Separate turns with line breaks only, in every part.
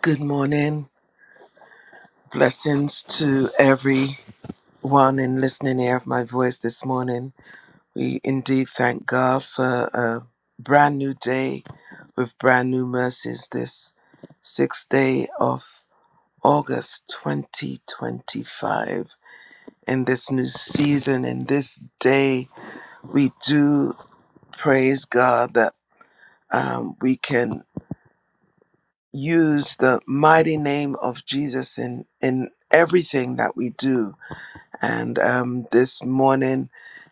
Good morning. Blessings to everyone in listening ear of my voice this morning. We indeed thank God for a brand new day with brand new mercies this sixth day of August 2025. In this new season, in this day, we do praise God that um, we can use the mighty name of Jesus in, in everything that we do And um, this morning,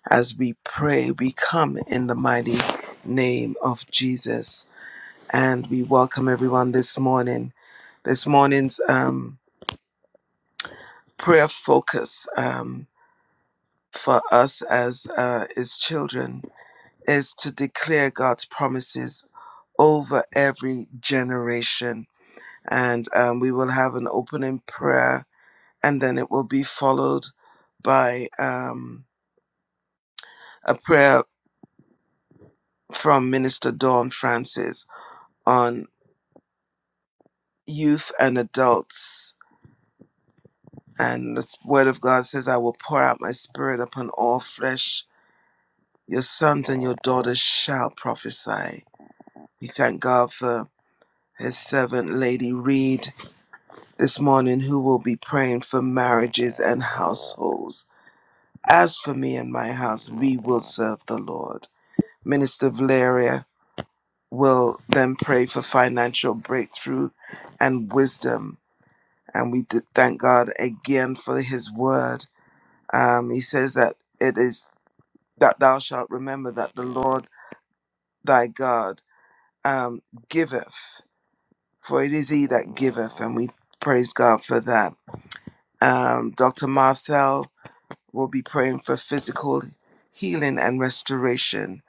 as we pray, we come in the mighty name of Jesus. And we welcome everyone this morning. This morning's um, prayer focus um, for us as uh, his children is to declare God's promises over every generation. And um, we will have an opening prayer, and then it will be followed by um, a prayer from Minister Dawn Francis on youth and adults. And the Word of God says, I will pour out my spirit upon all flesh. Your sons and your daughters shall prophesy. We thank God for his servant, Lady Reed, this morning, who will be praying for marriages and households. As for me and my house, we will serve the Lord. Minister Valeria will then pray for financial breakthrough and wisdom and we did thank God again for His word. Um, he says that it is that thou shalt remember that the Lord thy God um, giveth, for it is He that giveth, and we praise God for that. Um, Dr. Marthel will be praying for physical healing and restoration,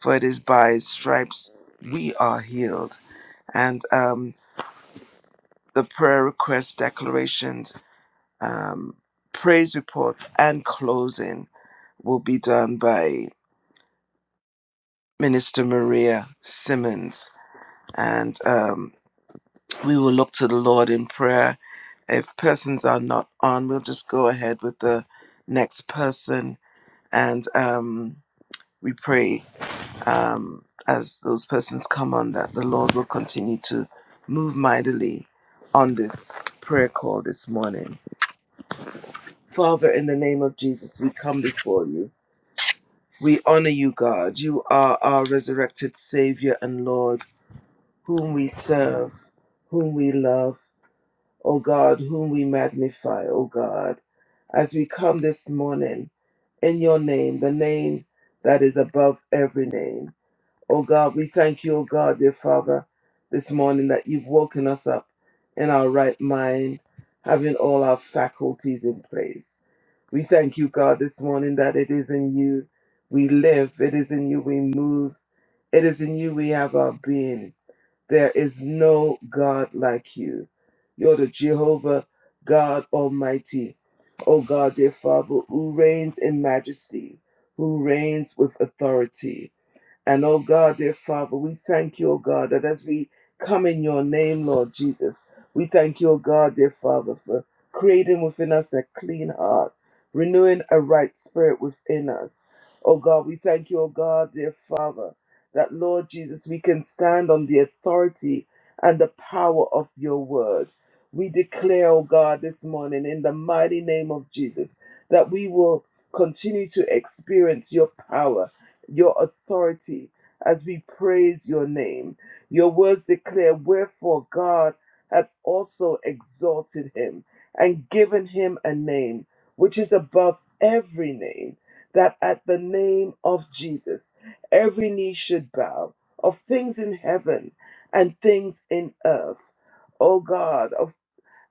for it is by His stripes we are healed. And um, the prayer request declarations, um, praise reports, and closing. will be done by Minister Maria Simmons. And um, we will look to the Lord in prayer. If persons are not on, we'll just go ahead with the next person and um, we pray um, as those persons come on that the Lord will continue to move mightily on this prayer call this morning. Father, in the name of Jesus, we come before you. We honor you, God. You are our resurrected Savior and Lord. whom we serve, whom we love, O God, whom we magnify, O God, as we come this morning in your name, the name that is above every name. O God, we thank you, O God, dear Father, this morning that you've woken us up in our right mind, having all our faculties in place. We thank you, God, this morning that it is in you we live, it is in you we move, it is in you we have our being. There is no God like you. You're the Jehovah God Almighty, O God, dear Father, who reigns in majesty, who reigns with authority. And oh God, dear Father, we thank you, oh God, that as we come in your name, Lord Jesus, we thank you, oh God, dear Father, for creating within us a clean heart, renewing a right spirit within us. Oh God, we thank you, oh God, dear Father, that Lord Jesus, we can stand on the authority and the power of your word. We declare, oh God, this morning in the mighty name of Jesus, that we will continue to experience your power your authority as we praise your name. Your words declare, Wherefore God hath also exalted him and given him a name which is above every name, that at the name of Jesus every knee should bow, of things in heaven and things in earth. O God, of.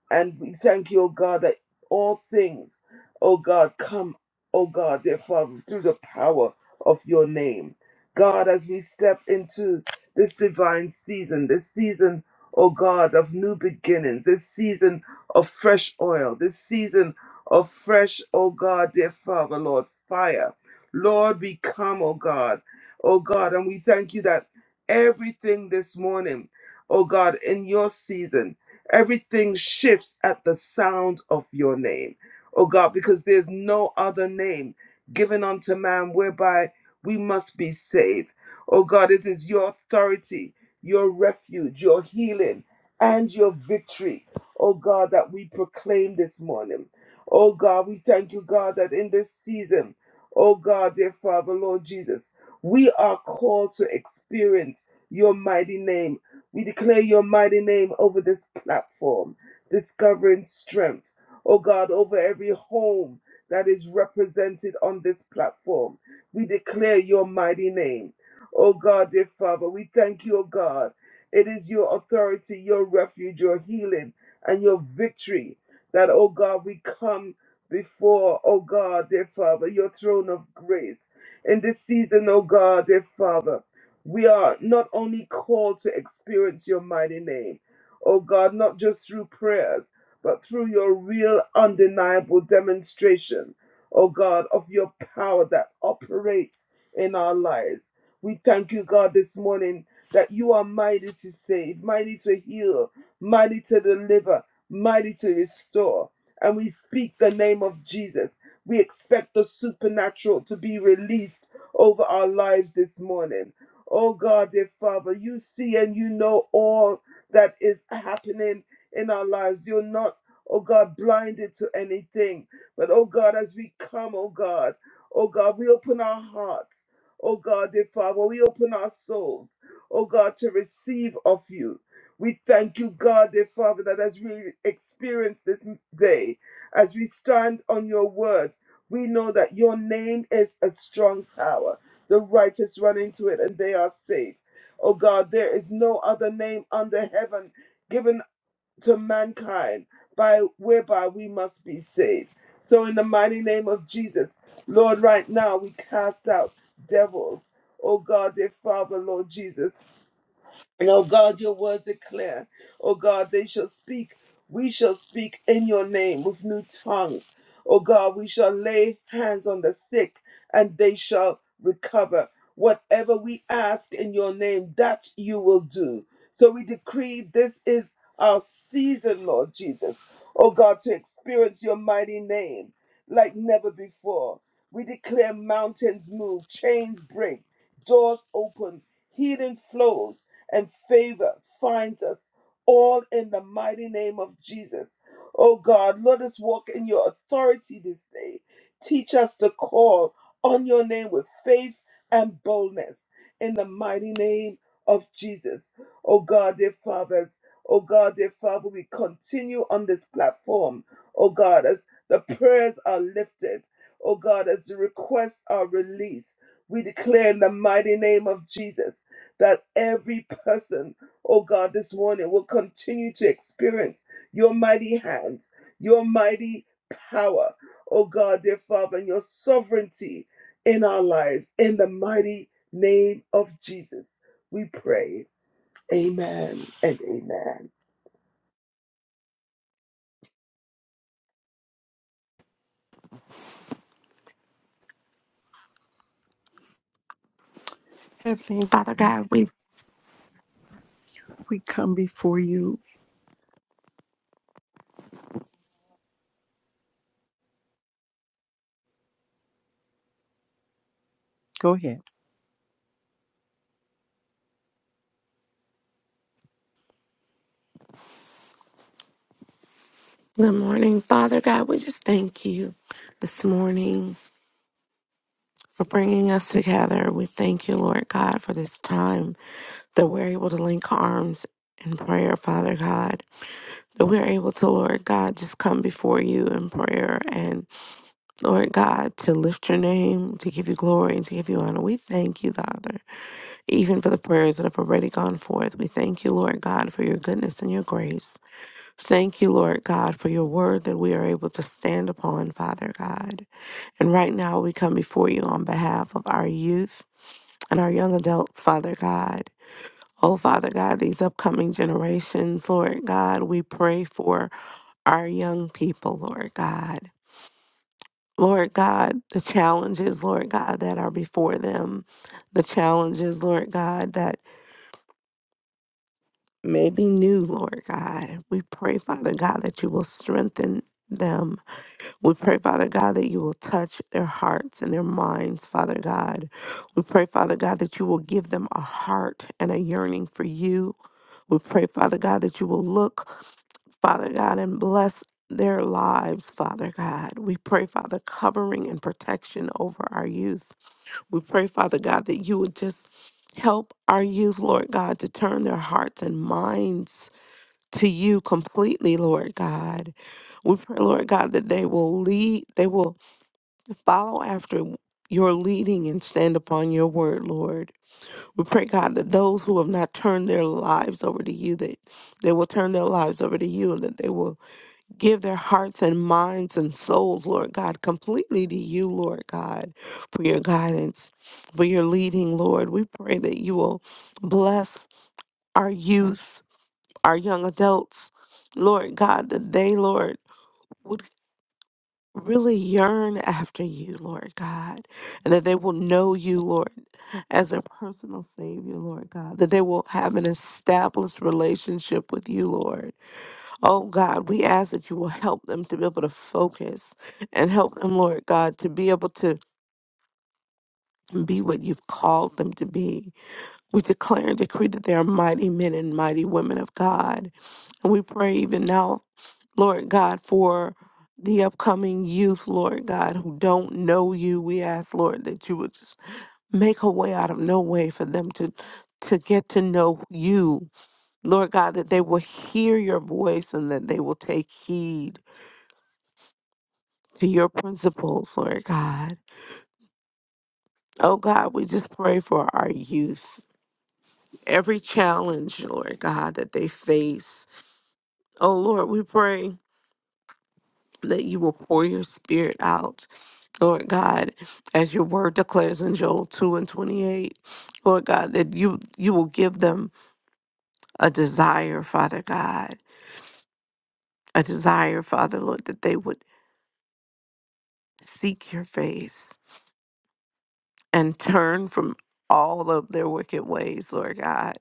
And we thank you, O God, that all things, O God, come, O God, dear Father, through the power of your name. God, as we step into this divine season, this season, O God, of new beginnings, this season of fresh oil, this season of fresh, O God, dear Father, Lord, fire. Lord, we come, O God, O God, and we thank you that everything this morning, O God, in your season, Everything shifts at the sound of your name, oh God, because there's no other name given unto man whereby we must be saved. Oh God, it is your authority, your refuge, your healing, and your victory, oh God, that we proclaim this morning. Oh God, we thank you, God, that in this season, oh God, dear Father, Lord Jesus, we are called to experience your mighty name we declare your mighty name over this platform, discovering strength. Oh God, over every home that is represented on this platform. We declare your mighty name. Oh God, dear Father, we thank you, oh God. It is your authority, your refuge, your healing, and your victory that, oh God, we come before, oh God, dear Father, your throne of grace. In this season, oh God, dear Father, we are not only called to experience your mighty name, oh God, not just through prayers, but through your real, undeniable demonstration, oh God, of your power that operates in our lives. We thank you, God, this morning that you are mighty to save, mighty to heal, mighty to deliver, mighty to restore. And we speak the name of Jesus. We expect the supernatural to be released over our lives this morning. Oh God, dear Father, you see and you know all that is happening in our lives. You're not, oh God, blinded to anything. But oh God, as we come, oh God, oh God, we open our hearts. Oh God, dear Father, we open our souls, oh God, to receive of you. We thank you, God, dear Father, that as we experience this day, as we stand on your word, we know that your name is a strong tower. The righteous run into it and they are safe. Oh God, there is no other name under heaven given to mankind by whereby we must be saved. So in the mighty name of Jesus, Lord, right now we cast out devils. Oh God, dear Father, Lord Jesus. And oh God, your words are clear. Oh God, they shall speak. We shall speak in your name with new tongues. Oh God, we shall lay hands on the sick and they shall recover. Whatever we ask in your name, that you will do. So we decree this is our season, Lord Jesus. Oh God, to experience your mighty name like never before. We declare mountains move, chains break, doors open, healing flows and favor finds us all in the mighty name of Jesus. Oh God, let us walk in your authority this day. Teach us to call on your name with faith and boldness in the mighty name of Jesus. Oh God, dear fathers, oh God, dear Father, we continue on this platform. Oh God, as the prayers are lifted, oh God, as the requests are released, we declare in the mighty name of Jesus that every person, oh God, this morning will continue to experience your mighty hands, your mighty power, oh God, dear Father, and your sovereignty in our lives. In the mighty name of Jesus, we pray. Amen and amen.
Heavenly
Father
Father,
God, we
we come before you. Go ahead.
good morning. Father God, we just thank you this morning for bringing us together. We thank you, Lord God, for this time that we're able to link arms in prayer, Father God. That we're able to, Lord God, just come before you in prayer and, Lord God, to lift your name, to give you glory, and to give you honor. We thank you, Father, even for the prayers that have already gone forth. We thank you, Lord God, for your goodness and your grace. Thank you, Lord God, for your word that we are able to stand upon, Father God. And right now we come before you on behalf of our youth and our young adults, Father God. Oh, Father God, these upcoming generations, Lord God, we pray for our young people, Lord God. Lord God, the challenges, Lord God, that are before them, the challenges, Lord God, that may be new, Lord God. We pray, Father God, that you will strengthen them We pray, Father God, that you will touch their hearts and their minds, Father God. We pray, Father God, that you will give them a heart and a yearning for you. We pray, Father God, that you will look, Father God, and bless their lives, Father God. We pray, Father, covering and protection over our youth. We pray, Father God, that you would just help our youth, Lord God, to turn their hearts and minds to you completely, Lord God. We pray, Lord God, that they will lead, they will follow after your leading and stand upon your word, Lord. We pray, God, that those who have not turned their lives over to you, that they will turn their lives over to you and that they will give their hearts and minds and souls, Lord God, completely to you, Lord God, for your guidance, for your leading, Lord. We pray that you will bless our youth our young adults, Lord God, that they, Lord, would really yearn after you, Lord God, and that they will know you, Lord, as their personal Savior, Lord God, that they will have an established relationship with you, Lord. Oh God, we ask that you will help them to be able to focus and help them, Lord God, to be able to be what you've called them to be. We declare and decree that they are mighty men and mighty women of God. And we pray even now Lord God, for the upcoming youth, Lord God, who don't know you. We ask, Lord, that you would just make a way out of no way for them to to get to know you. Lord God, that they will hear your voice and that they will take heed to your principles, Lord God. Oh God, we just pray for our youth. Every challenge, Lord God, that they face. Oh Lord, we pray that you will pour your spirit out Lord God, as your word declares in Joel 2 and 28, Lord God, that you you will give them a desire, Father God, a desire, Father Lord, that they would seek your face and turn from all of their wicked ways, Lord God.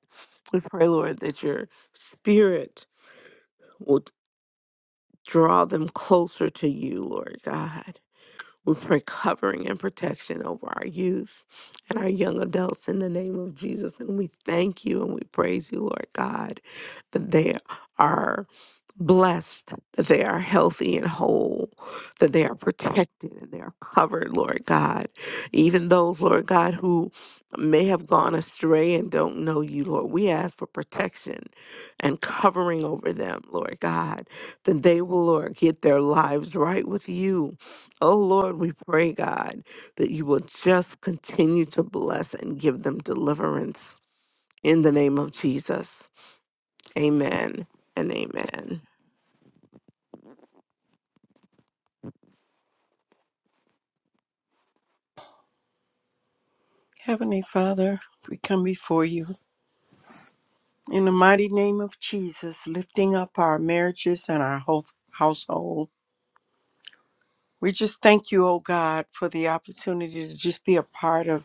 We pray, Lord, that your spirit will draw them closer to you, Lord God. We pray covering and protection over our youth and our young adults in the name of Jesus. And we thank you and we praise you, Lord God, that they are blessed that they are healthy and whole, that they are protected and they are covered, Lord God. Even those, Lord God, who may have gone astray and don't know you, Lord, we ask for protection and covering over them, Lord God, that they will, Lord, get their lives right with you. Oh, Lord, we pray, God, that you will just continue to bless and give them deliverance. In the name of Jesus, amen and amen.
Heavenly Father, we come before you. In the mighty name of Jesus, lifting up our marriages and our whole household. We just thank you, oh God, for the opportunity to just be a part of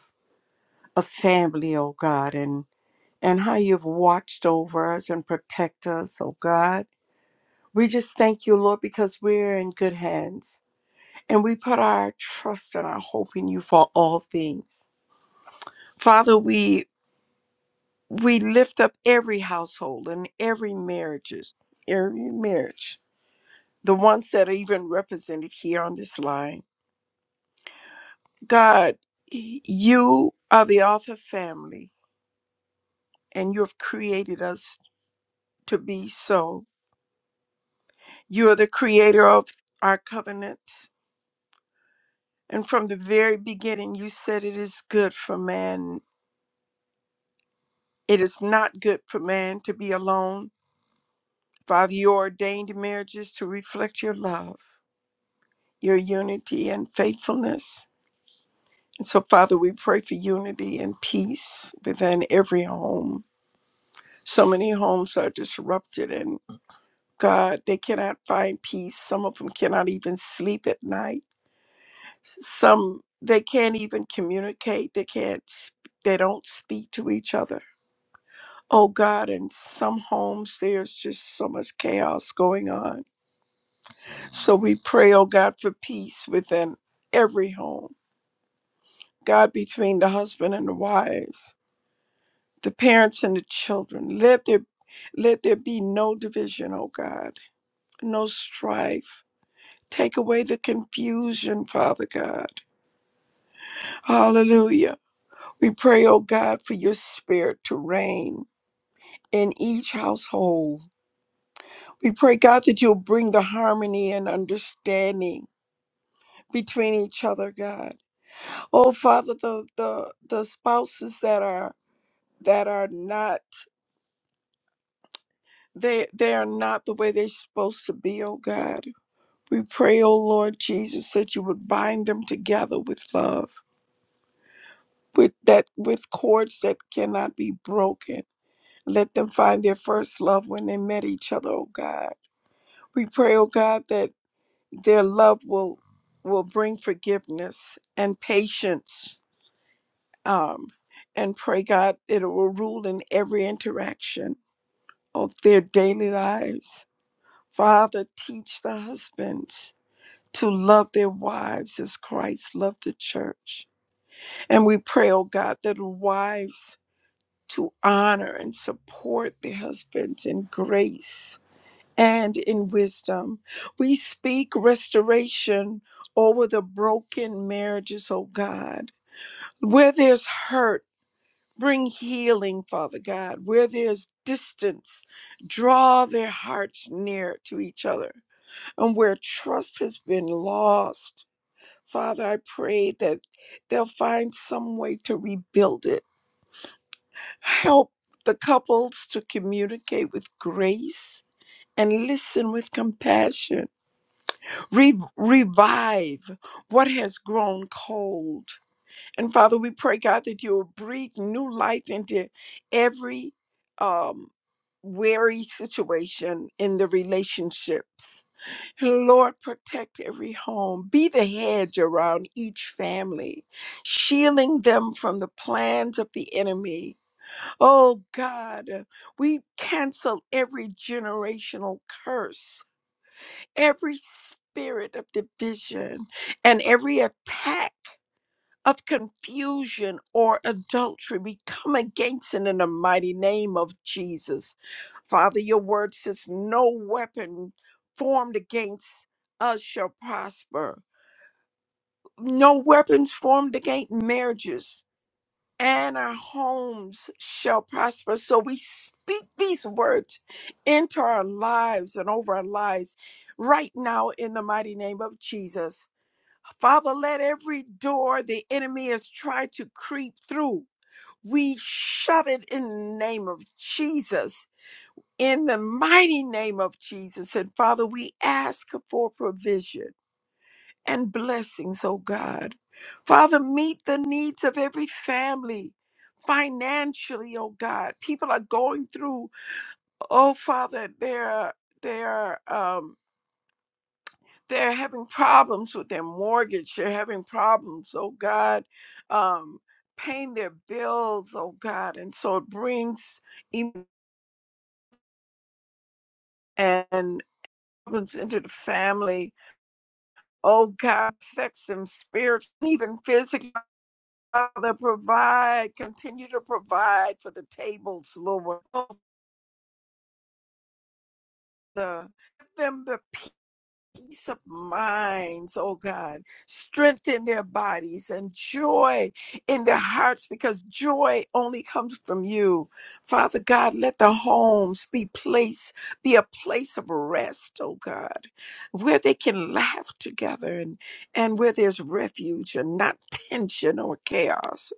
a family, oh God, and, and how you've watched over us and protect us, oh God. We just thank you, Lord, because we're in good hands. And we put our trust and our hope in you for all things. Father, we we lift up every household and every marriages, every marriage, the ones that are even represented here on this line. God, y- you are the author of family, and you have created us to be so. You are the creator of our covenants, and from the very beginning, you said it is good for man. It is not good for man to be alone. Father, you ordained marriages to reflect your love, your unity, and faithfulness. So, Father, we pray for unity and peace within every home. So many homes are disrupted, and God, they cannot find peace. Some of them cannot even sleep at night. Some they can't even communicate. They can't. s- They don't speak to each other. Oh God, in some homes there's just so much chaos going on. So we pray, oh God, for peace within every home. God, between the husband and the wives the parents and the children. Let there, let there be no division, oh God, no strife. Take away the confusion, Father God. Hallelujah. We pray, oh God, for your spirit to reign in each household. We pray, God, that you'll bring the harmony and understanding between each other, God. Oh Father, the the, the spouses that are that are not they they are not the way they're supposed to be, oh God. We pray, O Lord Jesus, that you would bind them together with love, with that with cords that cannot be broken. Let them find their first love when they met each other, O God. We pray, O God, that their love will will bring forgiveness and patience. Um, and pray, God, it will rule in every interaction of their daily lives. Father, teach the husbands to love their wives as Christ loved the church And we pray, oh God, that wives to honor and support their husbands in grace and in wisdom. We speak restoration over the broken marriages, oh God. Where there's hurt, bring healing, Father God. Where there's distance, draw their hearts near to each other. And where trust has been lost, Father, I pray that they'll find some way to rebuild it Help the couples to communicate with grace and listen with compassion. Re- revive what has grown cold. And Father, we pray, God, that you will breathe new life into every um, weary situation in the relationships. Lord, protect every home. Be the hedge around each family, shielding them from the plans of the enemy. Oh God, uh, we cancel every generational curse, every spirit of division, and every attack of confusion or adultery. We come against it in the mighty name of Jesus. Father, your word says, No weapon formed against us shall prosper, no weapons formed against marriages and our homes shall prosper. So we speak these words into our lives and over our lives right now in the mighty name of Jesus. Father, let every door the enemy has tried to creep through, we shut it in the name of Jesus. In the mighty name of Jesus. And Father, we ask for provision and blessings, oh God. Father, meet the needs of every family financially, oh God. People are going through, oh Father, they're they're um they're having problems with their mortgage. They're having problems, oh God, um, paying their bills, oh God. And so it brings em- and problems into the family. Oh God, affects them spiritually, even physically Father, provide, continue to provide for the tables, Lord. Oh, the- Give them the peace of minds, oh God. Strengthen their bodies and joy in their hearts because joy only comes from you. Father God, let the homes be place, be a place of rest, oh God, where they can laugh together and, and where there's refuge and not tension or chaos.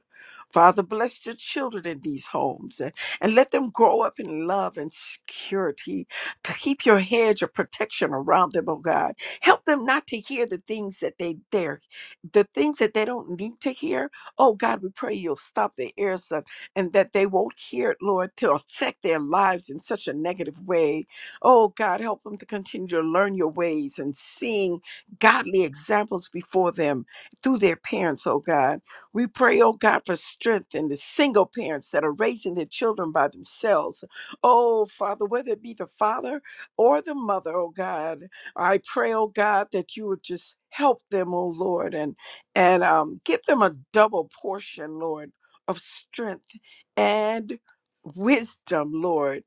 Father, bless your children in these homes and, and let them grow up in love and security. Keep your hedge of protection around them, oh God. Help them not to hear the things that they dare, the things that they don't need to hear. Oh God, we pray you'll stop their ears up and that they won't hear it, Lord, to affect their lives in such a negative way. Oh God, help them to continue to learn your ways and seeing godly examples before them through their parents, oh God. We pray, oh God, for strength in the single parents that are raising their children by themselves. Oh, Father, whether it be the father or the mother, oh God, I pray, oh God, that you would just help them, oh Lord, and and um, give them a double portion, Lord, of strength and wisdom, Lord,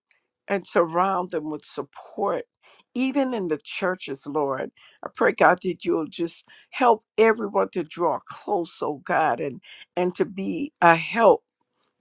and surround them with support, even in the churches, Lord. I pray, God, that you'll just Help everyone to draw close, oh God, and, and to be a help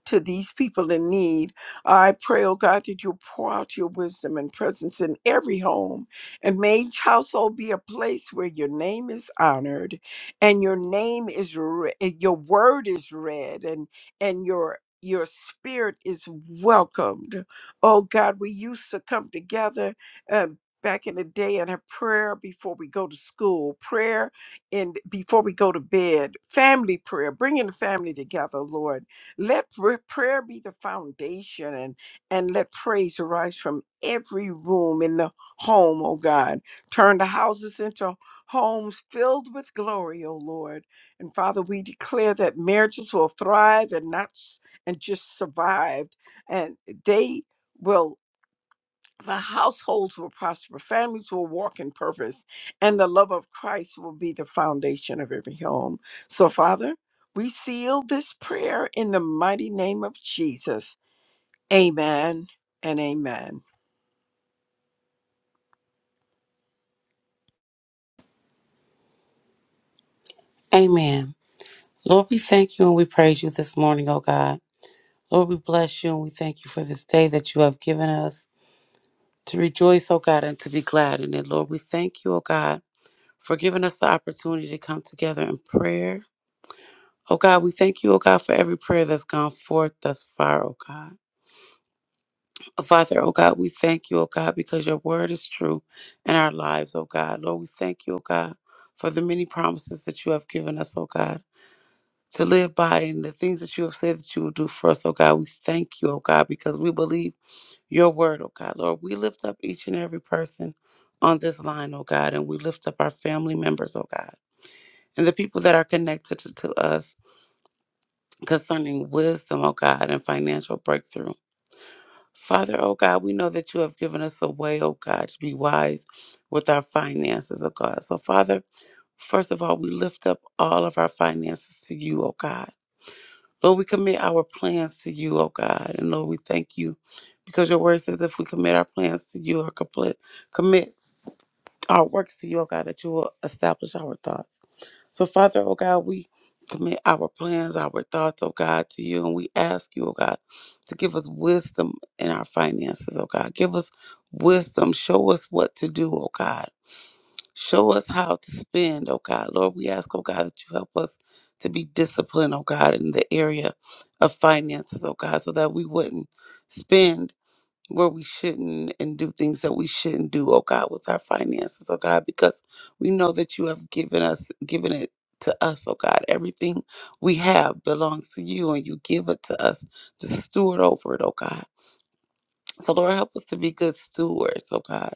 to these people in need. I pray, oh God, that you'll pour out your wisdom and presence in every home and may each household be a place where your name is honored and your name is re- your word is read and and your your spirit is welcomed. Oh God, we used to come together uh, back in the day and have prayer before we go to school, prayer and before we go to bed, family prayer, bringing the family together, Lord let pra- prayer be the foundation and, and let praise arise from every room in the home, oh God. Turn the houses into homes filled with glory, oh Lord. And Father, we declare that marriages will thrive and not s- and just survive. And they will the households will prosper, families will walk in purpose, and the love of Christ will be the foundation of every home. So, Father, we seal this prayer in the mighty name of Jesus. Amen and amen.
Amen. Lord, we thank you and we praise you this morning, O God. Lord, we bless you and we thank you for this day that you have given us to rejoice, O God, and to be glad in it. Lord, we thank you, O God, for giving us the opportunity to come together in prayer. O God, we thank you, O God, for every prayer that's gone forth thus far, O God. Father, O God, we thank you, O God, because your word is true in our lives, O God. Lord, we thank you, O God, for the many promises that you have given us, O God. to live by and the things that you have said that you will do for us, oh God. We thank you, oh God, because we believe your word, oh God. Lord, we lift up each and every person on this line, oh God, and we lift up our family members, oh God, and the people that are connected to, to us concerning wisdom, oh God, and financial breakthrough. Father, oh God, we know that you have given us a way, oh God, to be wise with our finances, oh God. So, Father, first of all, we lift up all of our finances to you, oh God. Lord, we commit our plans to you, oh God. And Lord, we thank you because your word says if we commit our plans to you or complete, commit our works to you, oh God, that you will establish our thoughts. So, Father, oh God, we commit our plans, our thoughts, oh God, to you. And we ask you, oh God, to give us wisdom in our finances, oh God. Give us wisdom. Show us what to do, oh God. Show us how to spend, oh God. Lord, we ask, oh God, that you help us to be disciplined, oh God, in the area of finances, oh God, so that we wouldn't spend where we shouldn't and do things that we shouldn't do, oh God, with our finances, oh God, because we know that you have given us, given it to us, oh God. Everything we have belongs to you and you give it to us to steward over it, oh God. So, Lord, help us to be good stewards, oh God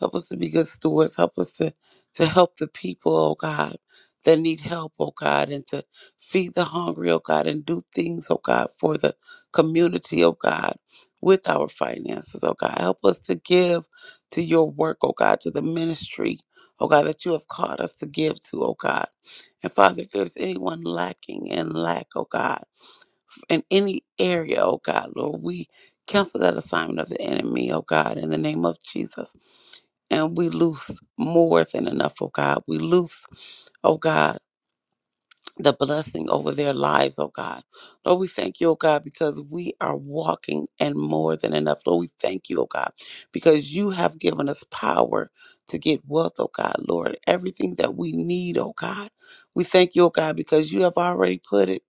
Help us to be good stewards. Help us to, to help the people, oh God, that need help, oh God, and to feed the hungry, oh God, and do things, oh God, for the community, oh God, with our finances, oh God. Help us to give to your work, oh God, to the ministry, oh God, that you have called us to give to, oh God. And Father, if there's anyone lacking in lack, oh God, in any area, oh God, Lord, we cancel that assignment of the enemy, oh God, in the name of Jesus and we loose more than enough, oh God. We loose, oh God the blessing over their lives, oh God. Lord, we thank you, oh God, because we are walking and more than enough. Lord, we thank you, oh God, because you have given us power to get wealth, oh God, Lord. Everything that we need, oh God. We thank you, oh God, because you have already put it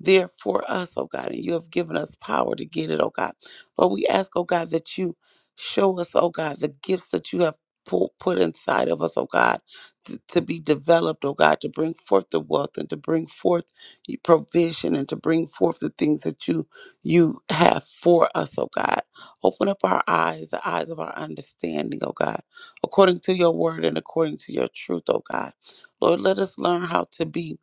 there for us, oh God, and you have given us power to get it, oh God. Lord, we ask, oh God, that you show us, oh God, the gifts that you have pu- put inside of us, oh God t- to be developed, oh God, to bring forth the wealth and to bring forth y- provision and to bring forth the things that you you have for us, oh God. Open up our eyes, the eyes of our understanding, oh God, according to your word and according to your truth, oh God. Lord, let us learn how to be,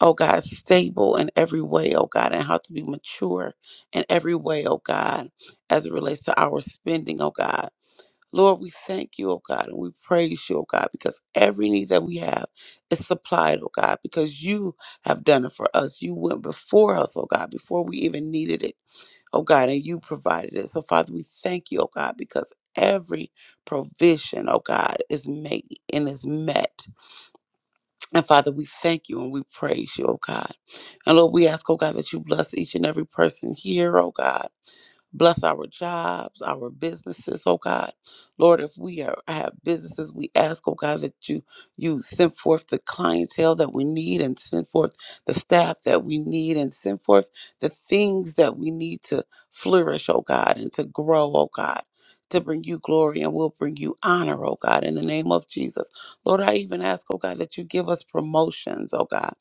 oh God, stable in every way, oh God, and how to be mature in every way, oh God, as it relates to our spending, oh God Lord, we thank you, oh God, and we praise you, oh God, because every need that we have is supplied, oh God, because you have done it for us. You went before us, oh God, before we even needed it, oh God, and you provided it. So, Father, we thank you, oh God, because every provision, oh God, is made and is met. And Father, we thank you and we praise you, oh God. And Lord, we ask, oh God, that you bless each and every person here, oh God. Bless our jobs, our businesses, oh God. Lord, if we are, have businesses, we ask, oh God, that you you send forth the clientele that we need and send forth the staff that we need and send forth the things that we need to flourish, oh God, and to grow, oh God, to bring you glory and we'll bring you honor, oh God, in the name of Jesus. Lord, I even ask, oh God, that you give us promotions, oh God.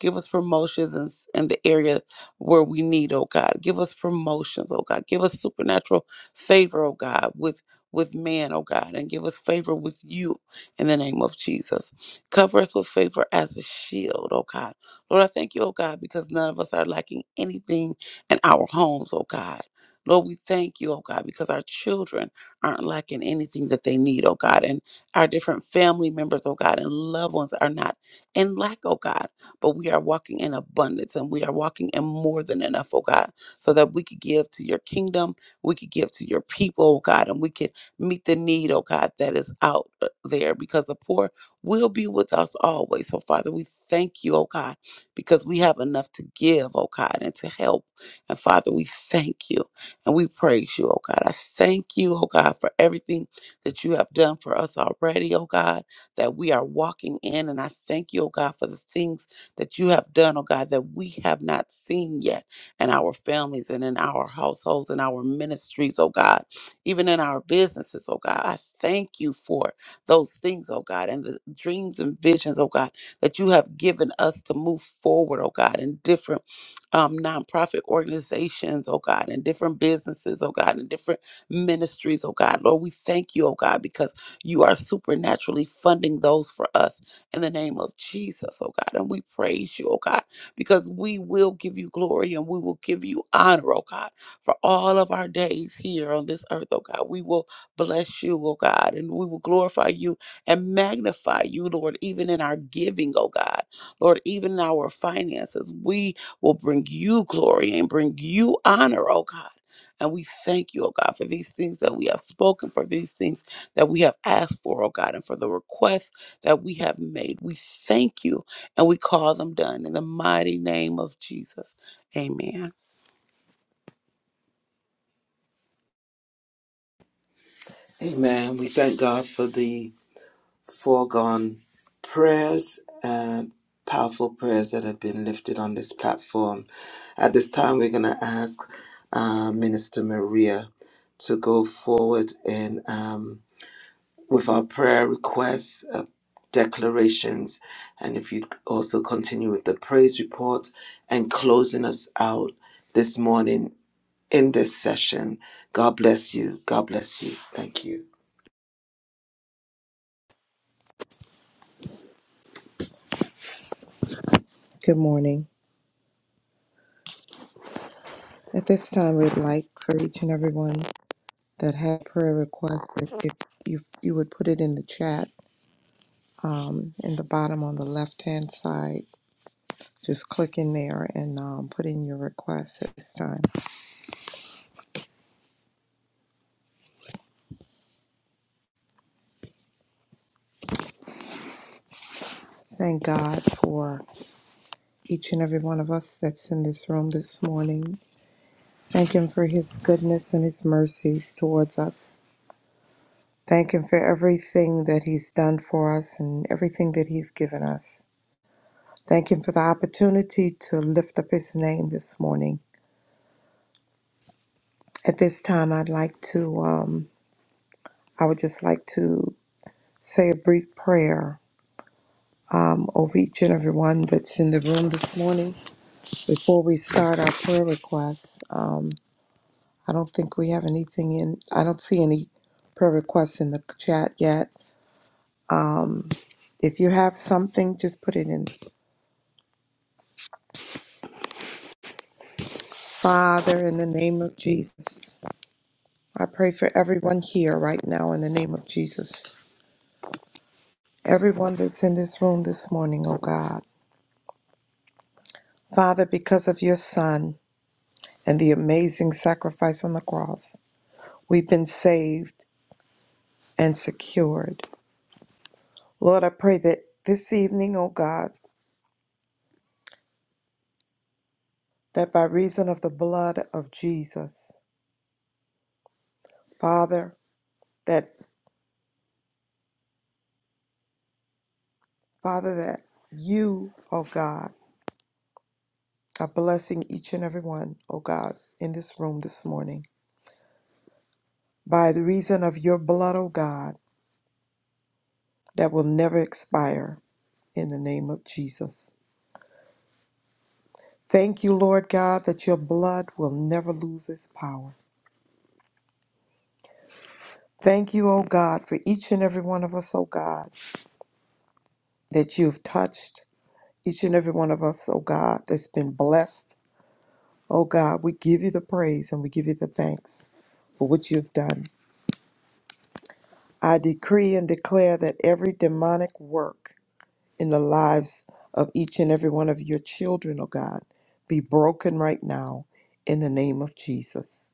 Give us promotions in, in the area where we need, oh God. Give us promotions, oh God. Give us supernatural favor, oh God, with with man, oh God, and give us favor with you in the name of Jesus. Cover us with favor as a shield, oh God. Lord, I thank you, oh God, because none of us are lacking anything in our homes, oh God. Lord, we thank you, oh God, because our children aren't lacking anything that they need, oh God, and our different family members, oh God, and loved ones are not in lack, oh God but we are walking in abundance and we are walking in more than enough, oh God, so that we could give to your kingdom, we could give to your people, oh God, and we could meet the need, oh God, that is out uh, there because the poor will be with us always. So, Father, we thank you, oh God, because we have enough to give, oh God, and to help. And, Father, we thank you and we praise you, oh God. I thank you, oh God, for everything that you have done for us already, oh God, that we are walking in. And I thank you, oh God, for the things that you have done, oh God, that we have not seen yet in our families and in our households and our ministries, oh God, even in our businesses, oh God. I thank you for those things, oh God, and the dreams and visions, oh God, that you have given us to move forward, oh God, in different um, nonprofit organizations, oh God, and different businesses, oh God, and different ministries, oh God. Lord, we thank you, oh God, because you are supernaturally funding those for us in the name of Jesus, oh God. And we praise you, oh God, because we will give you glory and we will give you honor, oh God, for all of our days here on this earth, oh God. We will bless you, oh God, and we will glorify you and magnify you, Lord, even in our giving, oh God. Lord, even in our finances, we will bring you glory and bring you honor, oh God. And we thank you, oh God, for these things that we have spoken, for these things that we have asked for, oh God, and for the requests that we have made. We thank you and we call them done in the mighty name of Jesus. Amen.
Amen. We thank God for the foregone prayers and powerful prayers that have been lifted on this platform. At this time, we're going to ask uh, Minister Maria to go forward in um, with our prayer requests, uh, declarations, and if you'd also continue with the praise report and closing us out this morning in this session. God bless you. God bless you. Thank you.
Good morning. At this time, we'd like for each and everyone that had prayer requests, if, if you, you would put it in the chat um, in the bottom on the left hand side, just click in there and um, put in your request at this time. Thank God for each and every one of us that's in this room this morning. Thank Him for His goodness and His mercies towards us. Thank Him for everything that He's done for us and everything that He's given us. Thank him for the opportunity to lift up his name this morning. At this time, I'd like to, um, I would just like to say a brief prayer um, over each and every one that's in the room this morning. Before we start our prayer requests, um, I don't think we have anything in, I don't see any prayer requests in the chat yet. Um, if you have something, just put it in. Father, in the name of Jesus, I pray for everyone here right now in the name of Jesus. everyone that's in this room this morning, oh God. Father, because of your Son and the amazing sacrifice on the cross, we've been saved and secured. Lord, I pray that this evening, oh God, that by reason of the blood of Jesus, Father, that Father, that you, oh God, are blessing each and every one, oh God, in this room this morning. By the reason of your blood, oh God, that will never expire in the name of Jesus. Thank you, Lord God, that your blood will never lose its power. Thank you, O God, for each and every one of us, O God, that you have touched each and every one of us, O God, that's been blessed. O God, we give you the praise and we give you the thanks for what you have done. I decree and declare that every demonic work in the lives of each and every one of your children, O God, be broken right now in the name of Jesus.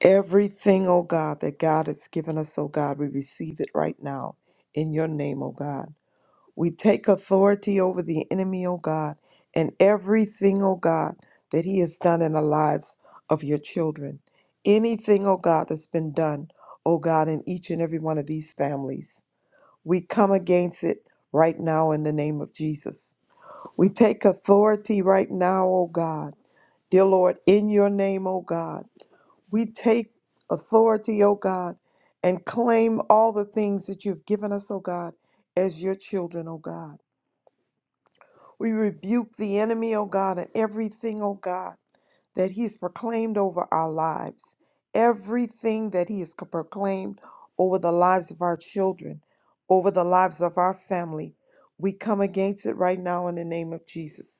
Everything, oh God, that God has given us, oh God, we receive it right now in your name, oh God. We take authority over the enemy, oh God, and everything, oh God, that he has done in the lives of your children. Anything, oh God, that's been done, oh God, in each and every one of these families. We come against it right now in the name of Jesus. We take authority right now, oh God. Dear Lord, in your name, oh God. We take authority, O God, and claim all the things that you've given us, O God, as your children, O God. We rebuke the enemy, O God, and everything, O God, that he's proclaimed over our lives, everything that he has co- proclaimed over the lives of our children, over the lives of our family. We come against it right now in the name of Jesus.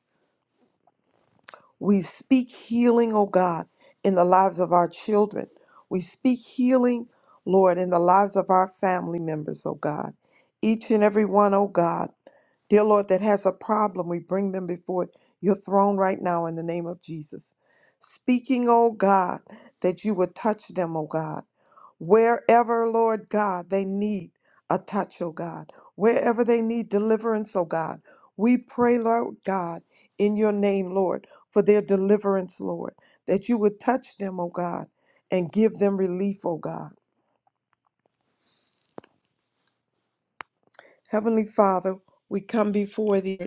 We speak healing, oh God, in the lives of our children. We speak healing, Lord, in the lives of our family members, oh God. Each and every one, oh God, dear Lord, that has a problem, we bring them before your throne right now in the name of Jesus. Speaking, oh God, that you would touch them, oh God Wherever, Lord God, they need a touch, oh God, wherever they need deliverance, oh God, we pray, Lord God, in your name, Lord, for their deliverance, Lord, that you would touch them, oh God, and give them relief, oh God. Heavenly Father, we come before thee.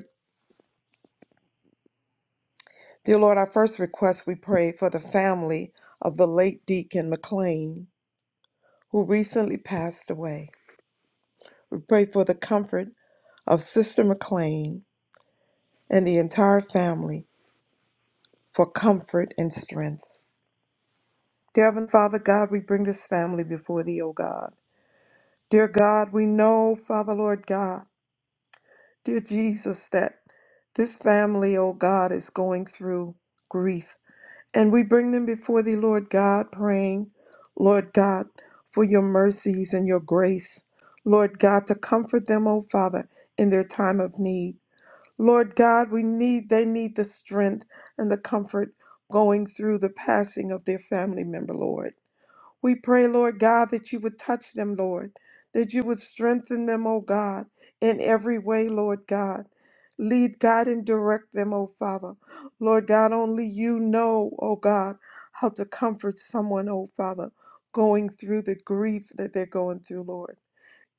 Dear Lord, our first request we pray for the family of the late Deacon McLean, who recently passed away. We pray for the comfort of Sister McLean and the entire family for comfort and strength. Dear Heavenly Father God, we bring this family before thee, O God. Dear God, we know, Father Lord God, dear Jesus, that this family, O God, is going through grief. And we bring them before thee, Lord God, praying, Lord God, for your mercies and your grace. Lord God, to comfort them, O Father, in their time of need. Lord God, we need they need the strength and the comfort going through the passing of their family member, Lord. We pray, Lord God, that you would touch them, Lord, that you would strengthen them, O God, in every way, Lord God. Lead, God, and direct them, O Father. Lord God, only you know, O God, how to comfort someone, O Father, going through the grief that they're going through, Lord.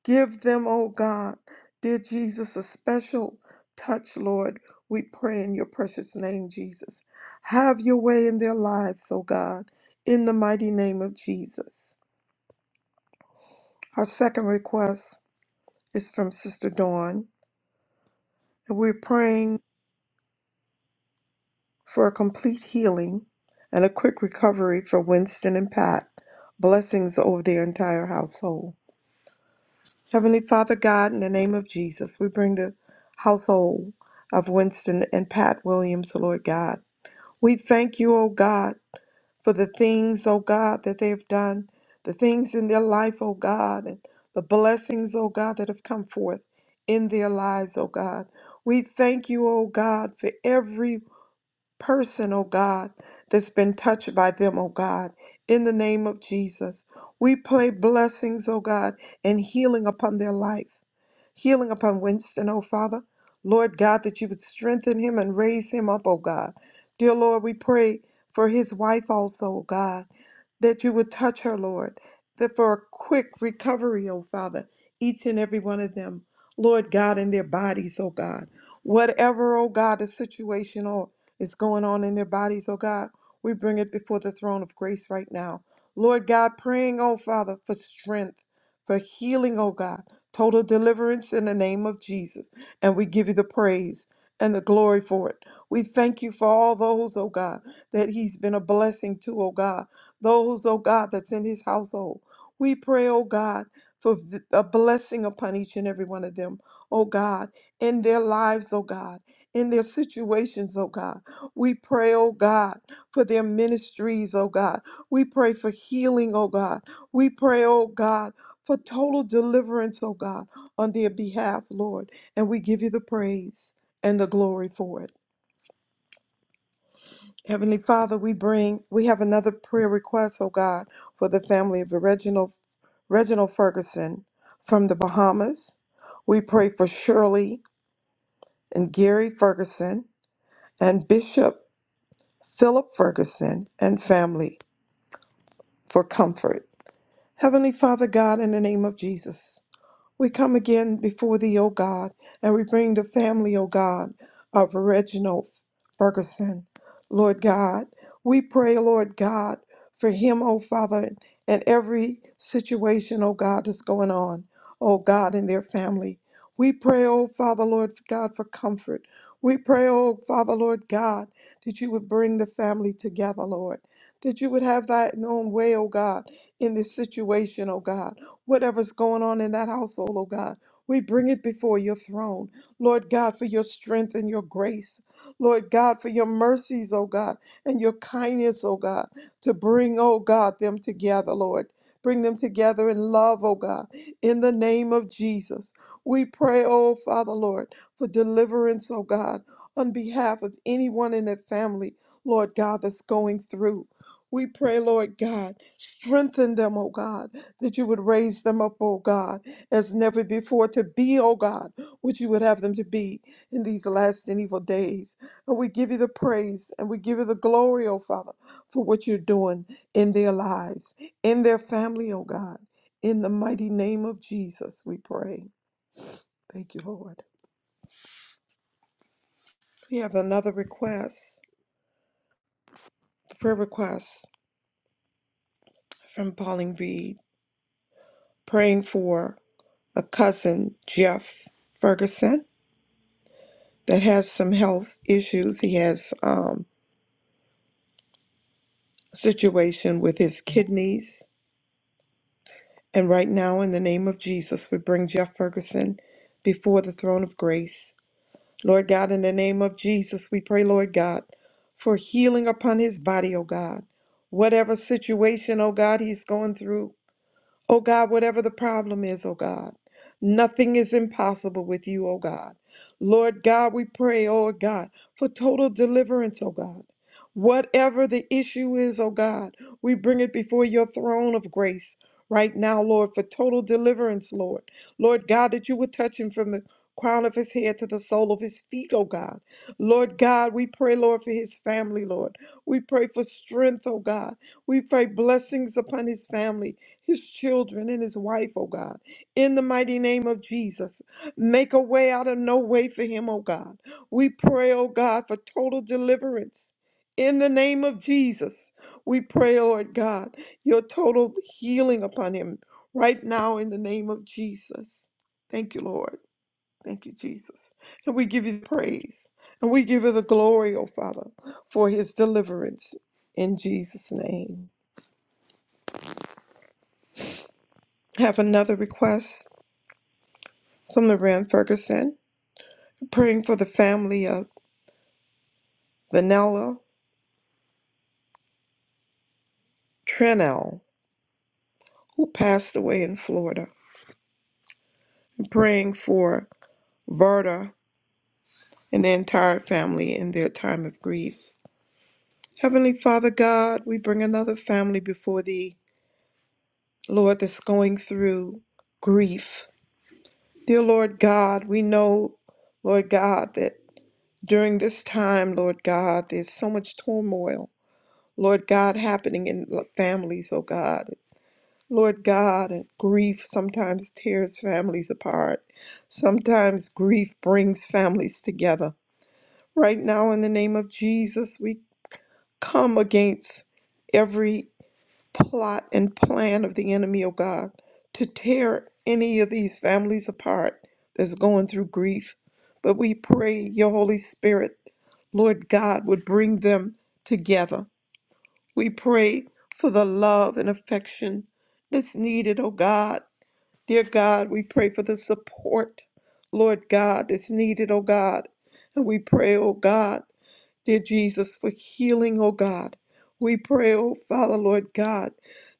Give them, oh God, dear Jesus, a special touch, Lord. We pray in your precious name, Jesus. Have your way in their lives, oh God, in the mighty name of Jesus. Our second request is from Sister Dawn, and we're praying for a complete healing and a quick recovery for Winston and Pat. Blessings over their entire household. Heavenly Father God, in the name of Jesus, we bring the household of Winston and Pat Williams, Lord God. We thank you, O God, for the things, O God, that they have done, the things in their life, O God, and the blessings, O God, that have come forth in their lives, O God. We thank you, O God, for every person, oh God, that's been touched by them, oh God, in the name of Jesus. We pray blessings, oh God, and healing upon their life healing upon Winston, O Father. Lord God, that you would strengthen him and raise him up, O God. Dear Lord, we pray for his wife also, O God, that you would touch her, Lord, that for a quick recovery, O Father, each and every one of them, Lord God, in their bodies, O God. Whatever, O God, the situation, is going on in their bodies, oh God. We bring it before the throne of grace right now. Lord God, praying, oh Father, for strength, for healing, oh God, total deliverance in the name of Jesus. And we give you the praise and the glory for it. We thank you for all those, oh God, that he's been a blessing to, oh God. Those, oh God, that's in his household. We pray, oh God, for v- a blessing upon each and every one of them, oh God, in their lives, oh God, in their situations, oh God. We pray, oh God, for their ministries, oh God. We pray for healing, oh God. We pray, oh God, for total deliverance, oh God, on their behalf, Lord. And we give you the praise and the glory for it. Heavenly Father, we bring, we have another prayer request, oh God, for the family of Reginald, Reginald Ferguson from the Bahamas. We pray for Shirley and Gary Ferguson and Bishop Philip Ferguson and family for comfort. Heavenly Father God, in the name of Jesus. We come again before thee, O God, and we bring the family, O God, of Reginald Ferguson. Lord God, we pray, Lord God, for him, O Father, and every situation, O God, that's going on, O God, in their family. We pray, O Father, Lord God, for comfort. We pray, O Father, Lord God, that you would bring the family together, Lord, that you would have thy own way, O God, in this situation, O God whatever's going on in that household, oh God. We bring it before your throne, Lord God, for your strength and your grace. Lord God, for your mercies, oh God, and your kindness, oh God, to bring, oh God, them together, Lord. Bring them together in love, oh God, in the name of Jesus. We pray, oh Father, Lord, for deliverance, oh God, on behalf of anyone in their family, Lord God, that's going through. We pray, Lord God, strengthen them, oh God that you would raise them up, oh God, as never before to be, oh God, what you would have them to be in these last and evil days. And we give you the praise and we give you the glory, oh Father, for what you're doing in their lives, in their family, oh God. In the mighty name of Jesus, we pray. Thank you, Lord. We have another request, a prayer request from Pauline Reed, praying for a cousin, Jeff Ferguson that has some health issues. He has um, a situation with his kidneys. And right now, in the name of Jesus, we bring Jeff Ferguson before the throne of grace. Lord God, in the name of Jesus, we pray, Lord God, for healing upon his body, oh God. Whatever situation, oh God, he's going through, Oh God, whatever the problem is, oh God, nothing is impossible with you, oh God. Lord God, we pray, oh God, for total deliverance, oh God. Whatever the issue is, oh God, we bring it before your throne of grace right now, Lord, for total deliverance, Lord. Lord God, that you would touch him from the crown of his head to the sole of his feet, oh God. Lord God, we pray, Lord, for his family, Lord. We pray for strength, oh God. We pray blessings upon his family his children and his wife, oh God. In the mighty name of Jesus, make a way out of no way for him, oh God. We pray, oh God, for total deliverance. In the name of Jesus, we pray, Lord God, your total healing upon him right now in the name of Jesus. Thank you, Lord. Thank you, Jesus. And we give you praise and we give you the glory, oh Father, for his deliverance in Jesus' name. Have another request. Sumner Rand Ferguson, praying for the family of Vanella Trenell who passed away in Florida, and praying for Verda and the entire family in their time of grief. Heavenly Father God, we bring another family before Thee, Lord, that's going through grief. Dear Lord God, we know, Lord God, that during this time, Lord God, there's so much turmoil, Lord God, happening in families, oh God. Lord God, grief sometimes tears families apart. Sometimes grief brings families together. Right now, in the name of Jesus, we come against every plot and plan of the enemy, oh God, to tear any of these families apart that's going through grief. But we pray your Holy Spirit, Lord God, would bring them together. We pray for the love and affection that's needed, oh God Dear God, we pray for the support, Lord God, that's needed, oh God. And we pray, oh God dear Jesus, for healing, oh God. We pray, oh Father, Lord God,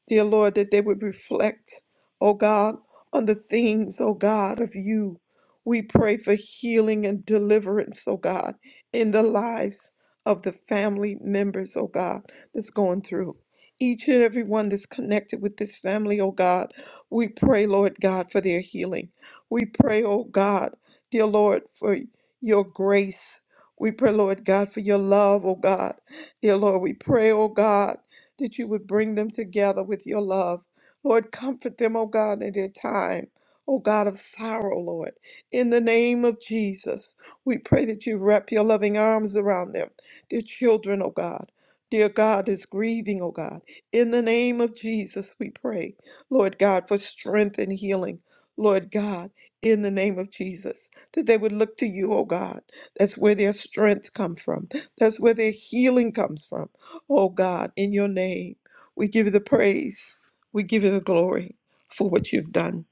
dear Lord, that they would reflect, oh God, on the things, oh God, of you. We pray for healing and deliverance, oh God, in the lives of the family members, oh God, that's going through. Each and every one that's connected with this family, oh God, we pray, Lord God, for their healing. We pray, oh God, dear Lord, for your grace we pray, Lord God, for your love, oh God. Dear Lord, we pray, oh God, that you would bring them together with your love. Lord, comfort them, oh God, in their time, oh God of sorrow, Lord. In the name of Jesus, we pray that you wrap your loving arms around them, their children, oh God. Dear God is grieving, oh God. In the name of Jesus, we pray, Lord God, for strength and healing. Lord God, in the name of Jesus, that they would look to you, oh God that's where their strength comes from. That's where their healing comes from. Oh God, in your name, we give you the praise. We give you the glory for what you've done.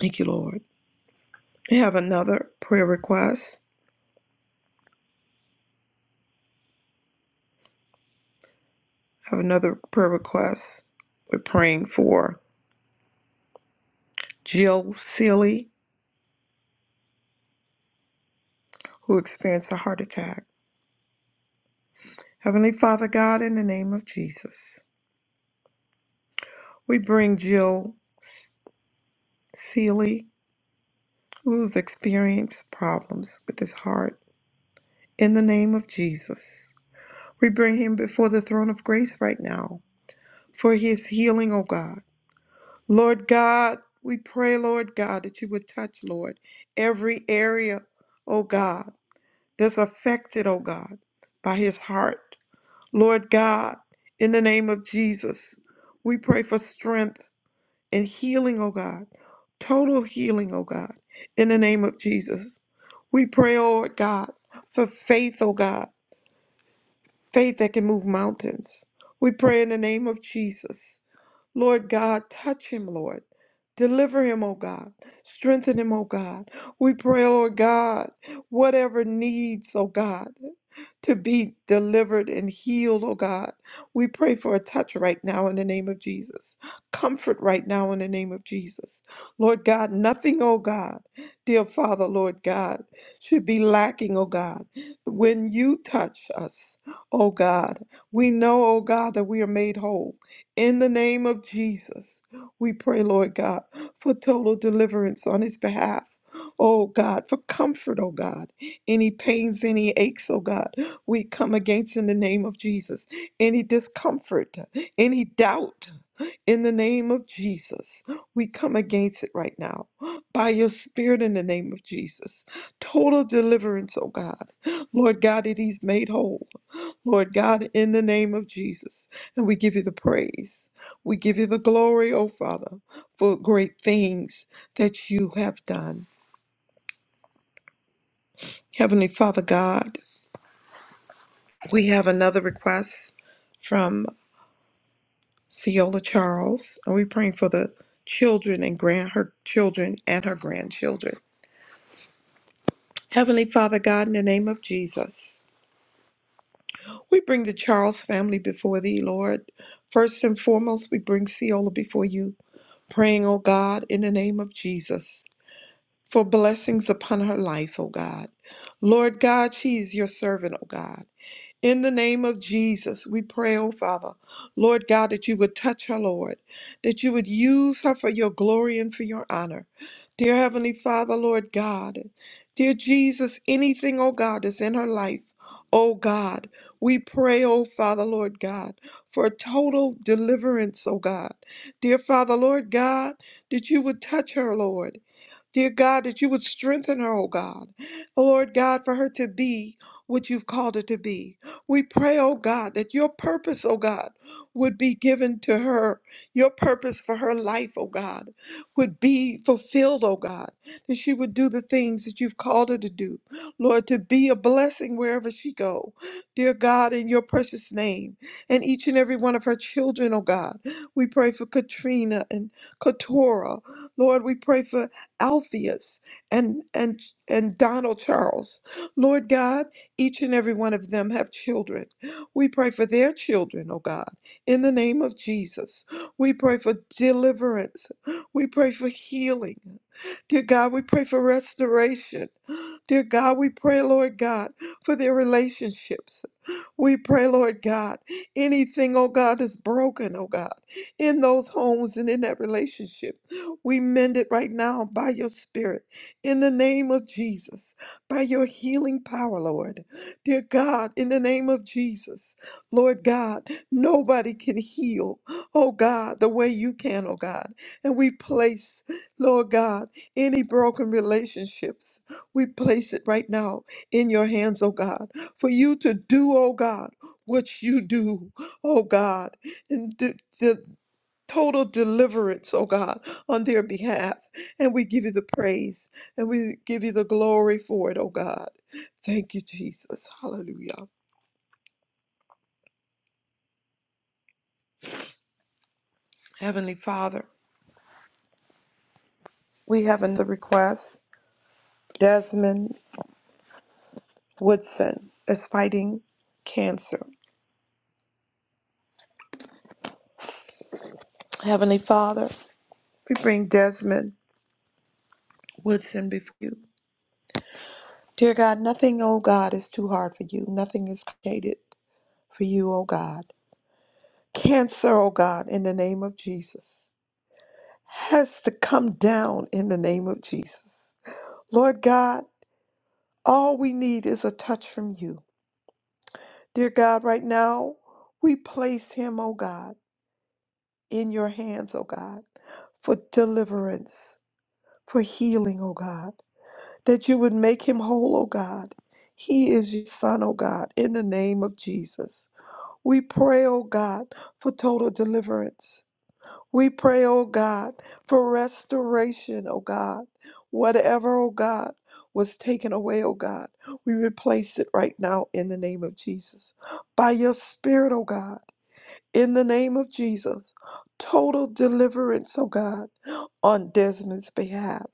Thank you, Lord. I have another prayer request. I have another prayer request. We're praying for Jill Seeley, who experienced a heart attack. Heavenly Father God, in the name of Jesus, we bring Jill Seeley, who's experienced problems with his heart, in the name of Jesus. We bring him before the throne of grace right now for his healing, oh God. Lord God, we pray, Lord God, that you would touch, Lord, every area, oh God, that's affected, oh God, by his heart. Lord God, in the name of Jesus, we pray for strength and healing, oh God, total healing, oh God, in the name of Jesus. We pray, oh God, for faith, oh God. faith that can move mountains. We pray in the name of Jesus. Lord God, touch him, Lord. Deliver him, O God. Strengthen him, O God. We pray, Lord God, whatever needs, O God, to be delivered and healed, oh God. We pray for a touch right now in the name of Jesus. Comfort right now in the name of Jesus. Lord God, nothing, oh God, dear Father, Lord God, should be lacking, oh God. When you touch us, oh God, we know, oh God, that we are made whole. In the name of Jesus, we pray, Lord God, for total deliverance on his behalf. Oh God, for comfort, oh God. Any pains, any aches, oh God, we come against in the name of Jesus. Any discomfort, any doubt. In the name of Jesus, we come against it right now. By your spirit, in the name of Jesus. Total deliverance, oh God. Lord God, it is made whole. Lord God, in the name of Jesus. And we give you the praise. We give you the glory, oh Father, for great things that you have done. Heavenly Father God, we have another request from Ciola Charles. And we're praying for the children and grand her children and her grandchildren. Heavenly Father God, in the name of Jesus, we bring the Charles family before thee, Lord. First and foremost, we bring Ciola before you, praying, O God, in the name of Jesus, for blessings upon her life, O God. Lord God, she is your servant, O God. In the name of Jesus, we pray, oh Father, Lord God, that you would touch her, Lord, that you would use her for your glory and for your honor. Dear Heavenly Father, Lord God, dear Jesus, anything, oh God, that's in her life, oh God, we pray, oh Father, Lord God, for total deliverance, oh God. Dear Father, Lord God, that you would touch her, Lord. Dear God, that you would strengthen her, oh God. Lord God, for her to be what you've called her to be. We pray, oh God, that your purpose, oh God, would be given to her. Your purpose for her life, oh God, would be fulfilled, oh God. That she would do the things that you've called her to do. Lord, to be a blessing wherever she go. Dear God, in your precious name, and each and every one of her children, oh God. We pray for Katrina and Katora. Lord, we pray for Alpheus and and and Donald Charles. Lord God, each and every one of them have children. We pray for their children, oh God, in the name of Jesus. We pray for deliverance. We pray for healing. Dear God, we pray for restoration. Dear God, we pray, Lord God, for their relationships. We pray, Lord God, anything, oh God, is broken, oh God, in those homes and in that relationship. We mend it right now by your spirit, in the name of Jesus, by your healing power, Lord. Dear God, in the name of Jesus, Lord God, nobody can heal, oh God, the way you can, oh God. And we place, Lord God, any broken relationships, we place it right now in your hands, oh God, for you to do, oh God, what you do, oh God, and do, the total deliverance, oh God, on their behalf. And we give you the praise and we give you the glory for it, oh God. Thank you, Jesus. Hallelujah. Heavenly Father, we have another request. Desmond Woodson is fighting cancer. Heavenly Father, We bring Desmond Woodson before you. Dear God, nothing, O God, is too hard for you. Nothing is created for you, O God. Cancer, O God, in the name of Jesus, has to come down in the name of Jesus. Lord God, all we need is a touch from you. Dear God, right now, we place him, O God, in your hands, O God, for deliverance, for healing, O God. that you would make him whole, O God. He is your son, O God, in the name of Jesus. We pray, O God, for total deliverance. We pray, O God, for restoration, O God. Whatever, O God, was taken away, O God, we replace it right now in the name of Jesus. By your Spirit, O God, in the name of Jesus, total deliverance, O God, on Desmond's behalf.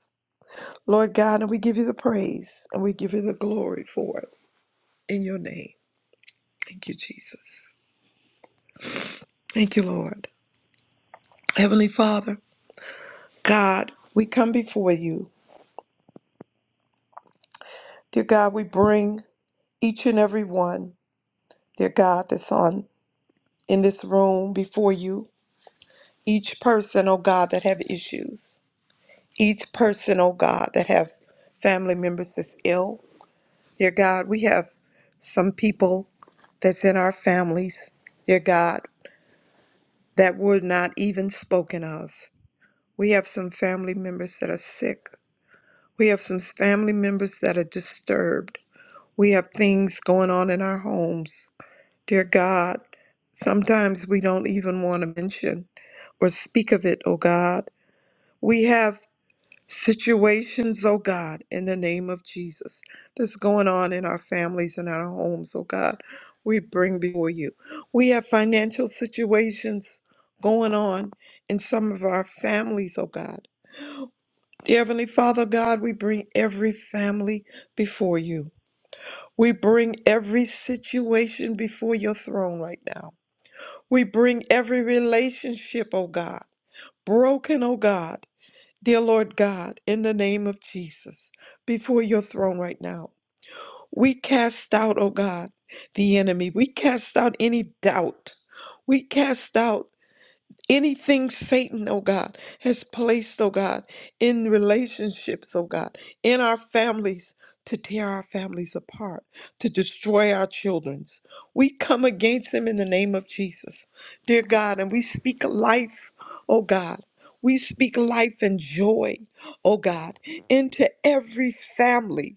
Lord God, and we give you the praise and we give you the glory for it in your name. Thank you, Jesus. Thank you, Lord. Heavenly Father, God, we come before you. Dear God, we bring each and every one, dear God, that's on in this room before you. Each person, oh God, that have issues. Each person, oh God, that have family members that's ill. Dear God, we have some people that's in our families. Dear God, that were not even spoken of. We have some family members that are sick. We have some family members that are disturbed. We have things going on in our homes. Dear God, sometimes we don't even want to mention or speak of it, oh God. We have situations, oh God, in the name of Jesus, that's going on in our families and our homes, oh God, we bring before you. We have financial situations going on in some of our families, oh God. Dear Heavenly Father, God, we bring every family before you. We bring every situation before your throne right now. We bring every relationship, oh God, broken, oh God. Dear Lord God, in the name of Jesus, before your throne right now, we cast out, oh God, the enemy. We cast out any doubt. We cast out anything Satan, oh God, has placed, oh God, in relationships, oh God, in our families to tear our families apart, to destroy our children's. We come against them in the name of Jesus, dear God, and we speak life, oh God. We speak life and joy, oh God, into every family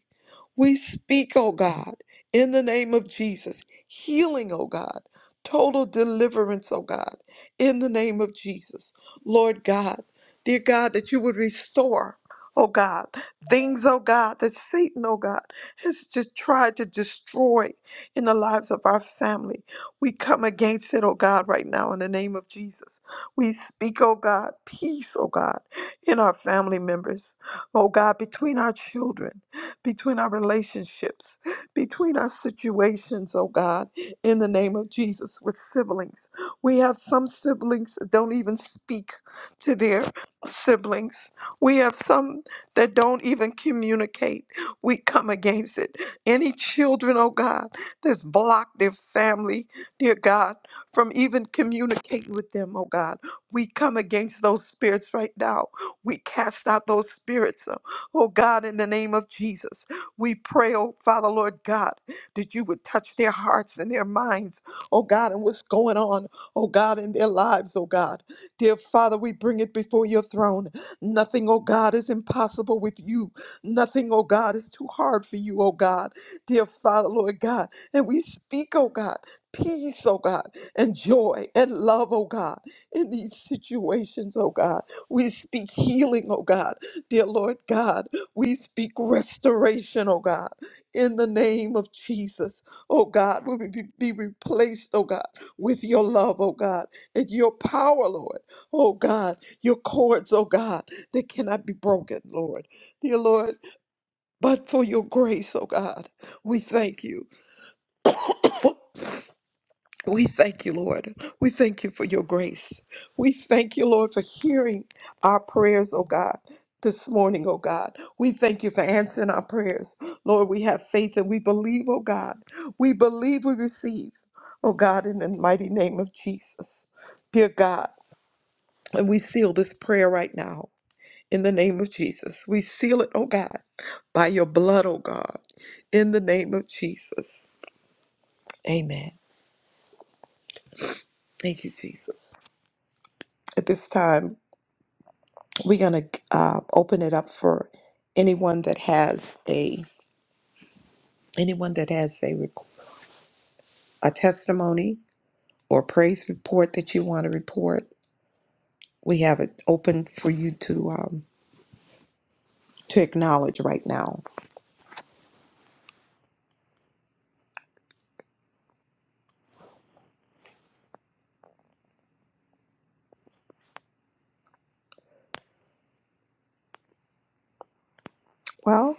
we speak, oh God, in the name of Jesus, healing, oh God, total deliverance, oh God, in the name of Jesus. Lord God, dear God, that you would restore, oh God, things, oh God, that Satan, oh God, has just tried to destroy in the lives of our family. We come against it, oh God, right now in the name of Jesus. We speak, oh God, peace, oh God, in our family members, oh God, between our children between our relationships, between our situations, oh God, in the name of Jesus, with siblings. We have some siblings that don't even speak to their siblings. We have some that don't even communicate. We come against it. Any children, oh God, that's blocked their family, dear God, from even communicating with them, oh God. We come against those spirits right now. We cast out those spirits. uh, Oh God, in the name of Jesus, we pray, oh Father, Lord God, that you would touch their hearts and their minds, oh God, and what's going on, oh God, in their lives, oh God. Dear Father, we bring it before your throne. Nothing, oh God, is impossible with you. Nothing, oh God, is too hard for you, oh God. Dear Father, Lord God, and we speak, oh God, peace, oh God, and joy and love, oh God, in these situations, oh God. We speak healing, oh God. Dear Lord God, we speak restoration, oh God, in the name of Jesus. Oh God, we will be be replaced, oh God, with your love, oh God, and your power, Lord. Oh God, your cords, oh God, that cannot be broken, Lord. Dear Lord, but for your grace, oh God, we thank you. We thank you, Lord. We thank you for your grace. We thank you, Lord, for hearing our prayers, oh God. This morning, oh God, we thank you for answering our prayers. Lord, we have faith and we believe, oh God. We believe we receive, oh God, in the mighty name of Jesus. Dear God, and we seal this prayer right now in the name of Jesus. We seal it, oh God, by your blood, oh God, in the name of Jesus. Amen. Thank you, Jesus. At this time, We're going to uh, open it up for anyone that has a anyone that has a rec- a testimony or praise report that you want to report. We have it open for you to um, to acknowledge right now. Well,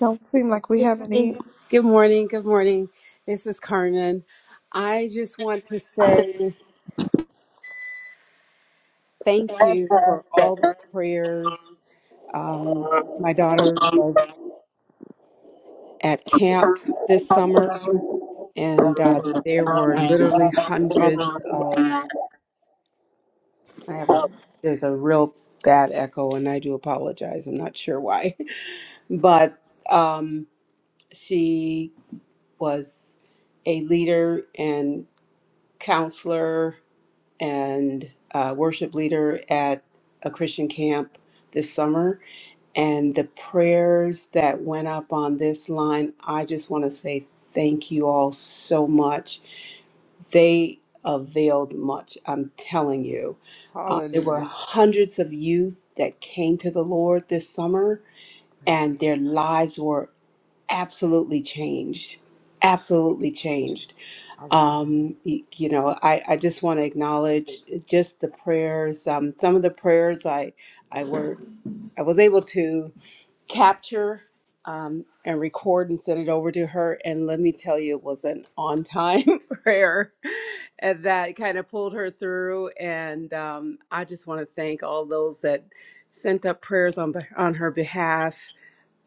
don't seem like we
Good
have
morning.
any.
Good morning. Good morning. This is Carmen. I just want to say thank you for all the prayers. Um, my daughter was at camp this summer, and uh, there were literally hundreds of. I have a. There's a real bad echo, and I do apologize. I'm not sure why, but um, she was a leader and counselor and uh, worship leader at a Christian camp this summer. And the prayers that went up on this line, I just want to say thank you all so much. They availed much, I'm telling you. Uh, there were
Hallelujah.
hundreds of youth that came to the Lord this summer,
Praise.
and their lives were absolutely changed.
Thank you,
Absolutely
Jesus.
changed
Hallelujah.
um, y- you know, I, I just want to acknowledge uh, just the prayers. Um, some of the prayers I I were I was able to capture um, and record and send it over to her. And let me tell you, it was an on time prayer, and that kind of pulled her through. And um, I just want to thank all those that sent up prayers on beh- on her behalf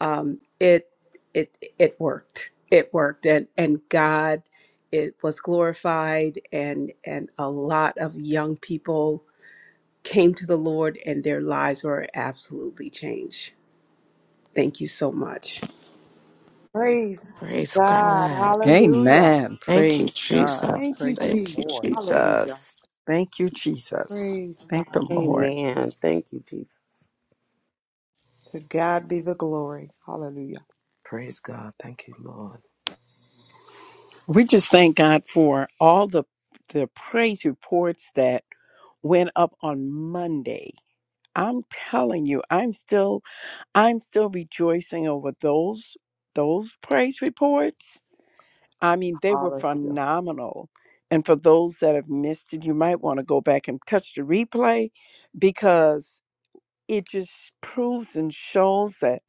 um, it it it worked. It worked, and and God, it was glorified, and and a lot of young people came to the Lord, and their lives were absolutely changed. Thank you so much.
Praise
Praise
God.
God.
Hallelujah.
Amen.
Thank you,
Praise God.
Thank
Jesus.
you,
Praise the
Thank you,
Jesus.
Lord.
Hallelujah.
Jesus.
Thank you, Jesus.
Praise
Thank the
God.
Lord.
Thank
Amen. Thank you, Jesus.
you. To God be the glory. Hallelujah.
Praise God. Thank you, Lord.
We just thank God for all the the praise reports that went up on Monday. I'm telling you, I'm still I'm still rejoicing over those those praise reports. I mean, they were
Hallelujah.
phenomenal. And for those that have missed it, you might want to go back and touch the replay because it just proves and shows that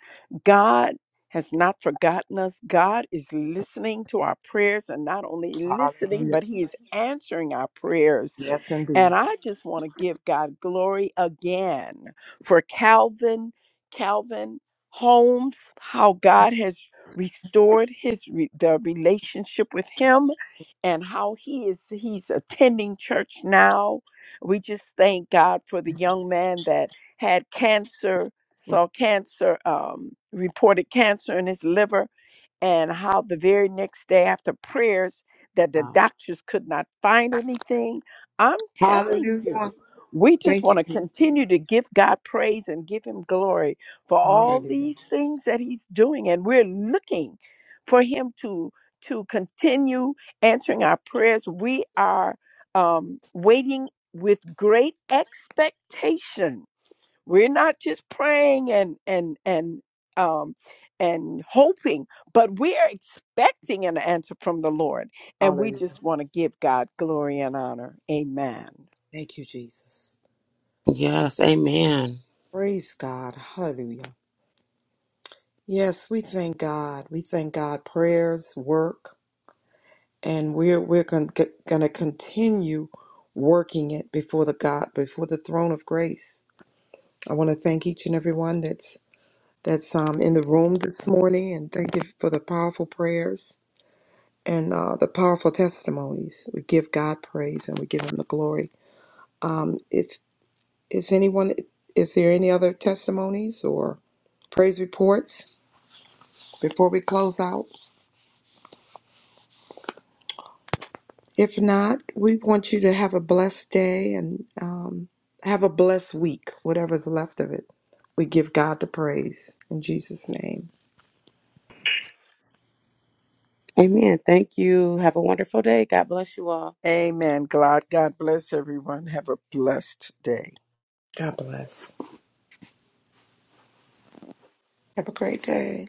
God has not forgotten us. God is listening to our prayers and not only listening,
Hallelujah.
but He is answering our prayers
Yes,
and
indeed.
I just want to give God glory again for Calvin, Calvin Holmes, how God has restored his re- the relationship with him and how he is he's attending church now. We just thank God for the young man that had cancer, saw cancer, um, reported cancer in his liver and how the very next day after prayers that the
Wow.
doctors could not find anything. I'm telling
Hallelujah.
you, we just
Thank you,
want to
Jesus.
continue to give God praise and give him glory for all
Hallelujah.
these things that he's doing and we're looking for him to to continue answering our prayers. We are um waiting with great expectation we're not just praying and and and um and hoping, but we are expecting an answer from the Lord, and we
Hallelujah.
just want to give God glory and honor. Amen.
Thank you, Jesus.
Yes. Amen.
Praise God. Hallelujah. Yes, we thank God. We thank God. Prayers work, and we're we're going to continue working it before the God before the throne of grace. I want to thank each and everyone that's that's um, in the room this morning. And thank you for the powerful prayers and uh, the powerful testimonies. We give God praise and we give Him the glory. Um, if is anyone, is there any other testimonies or praise reports before we close out? If not, we want you to have a blessed day and um, have a blessed week, whatever's left of it. We give God the praise in Jesus' name.
Amen. Thank you. Have a wonderful day. God bless you all.
Amen. God, God bless everyone. Have a blessed day.
God bless.
Have a great day.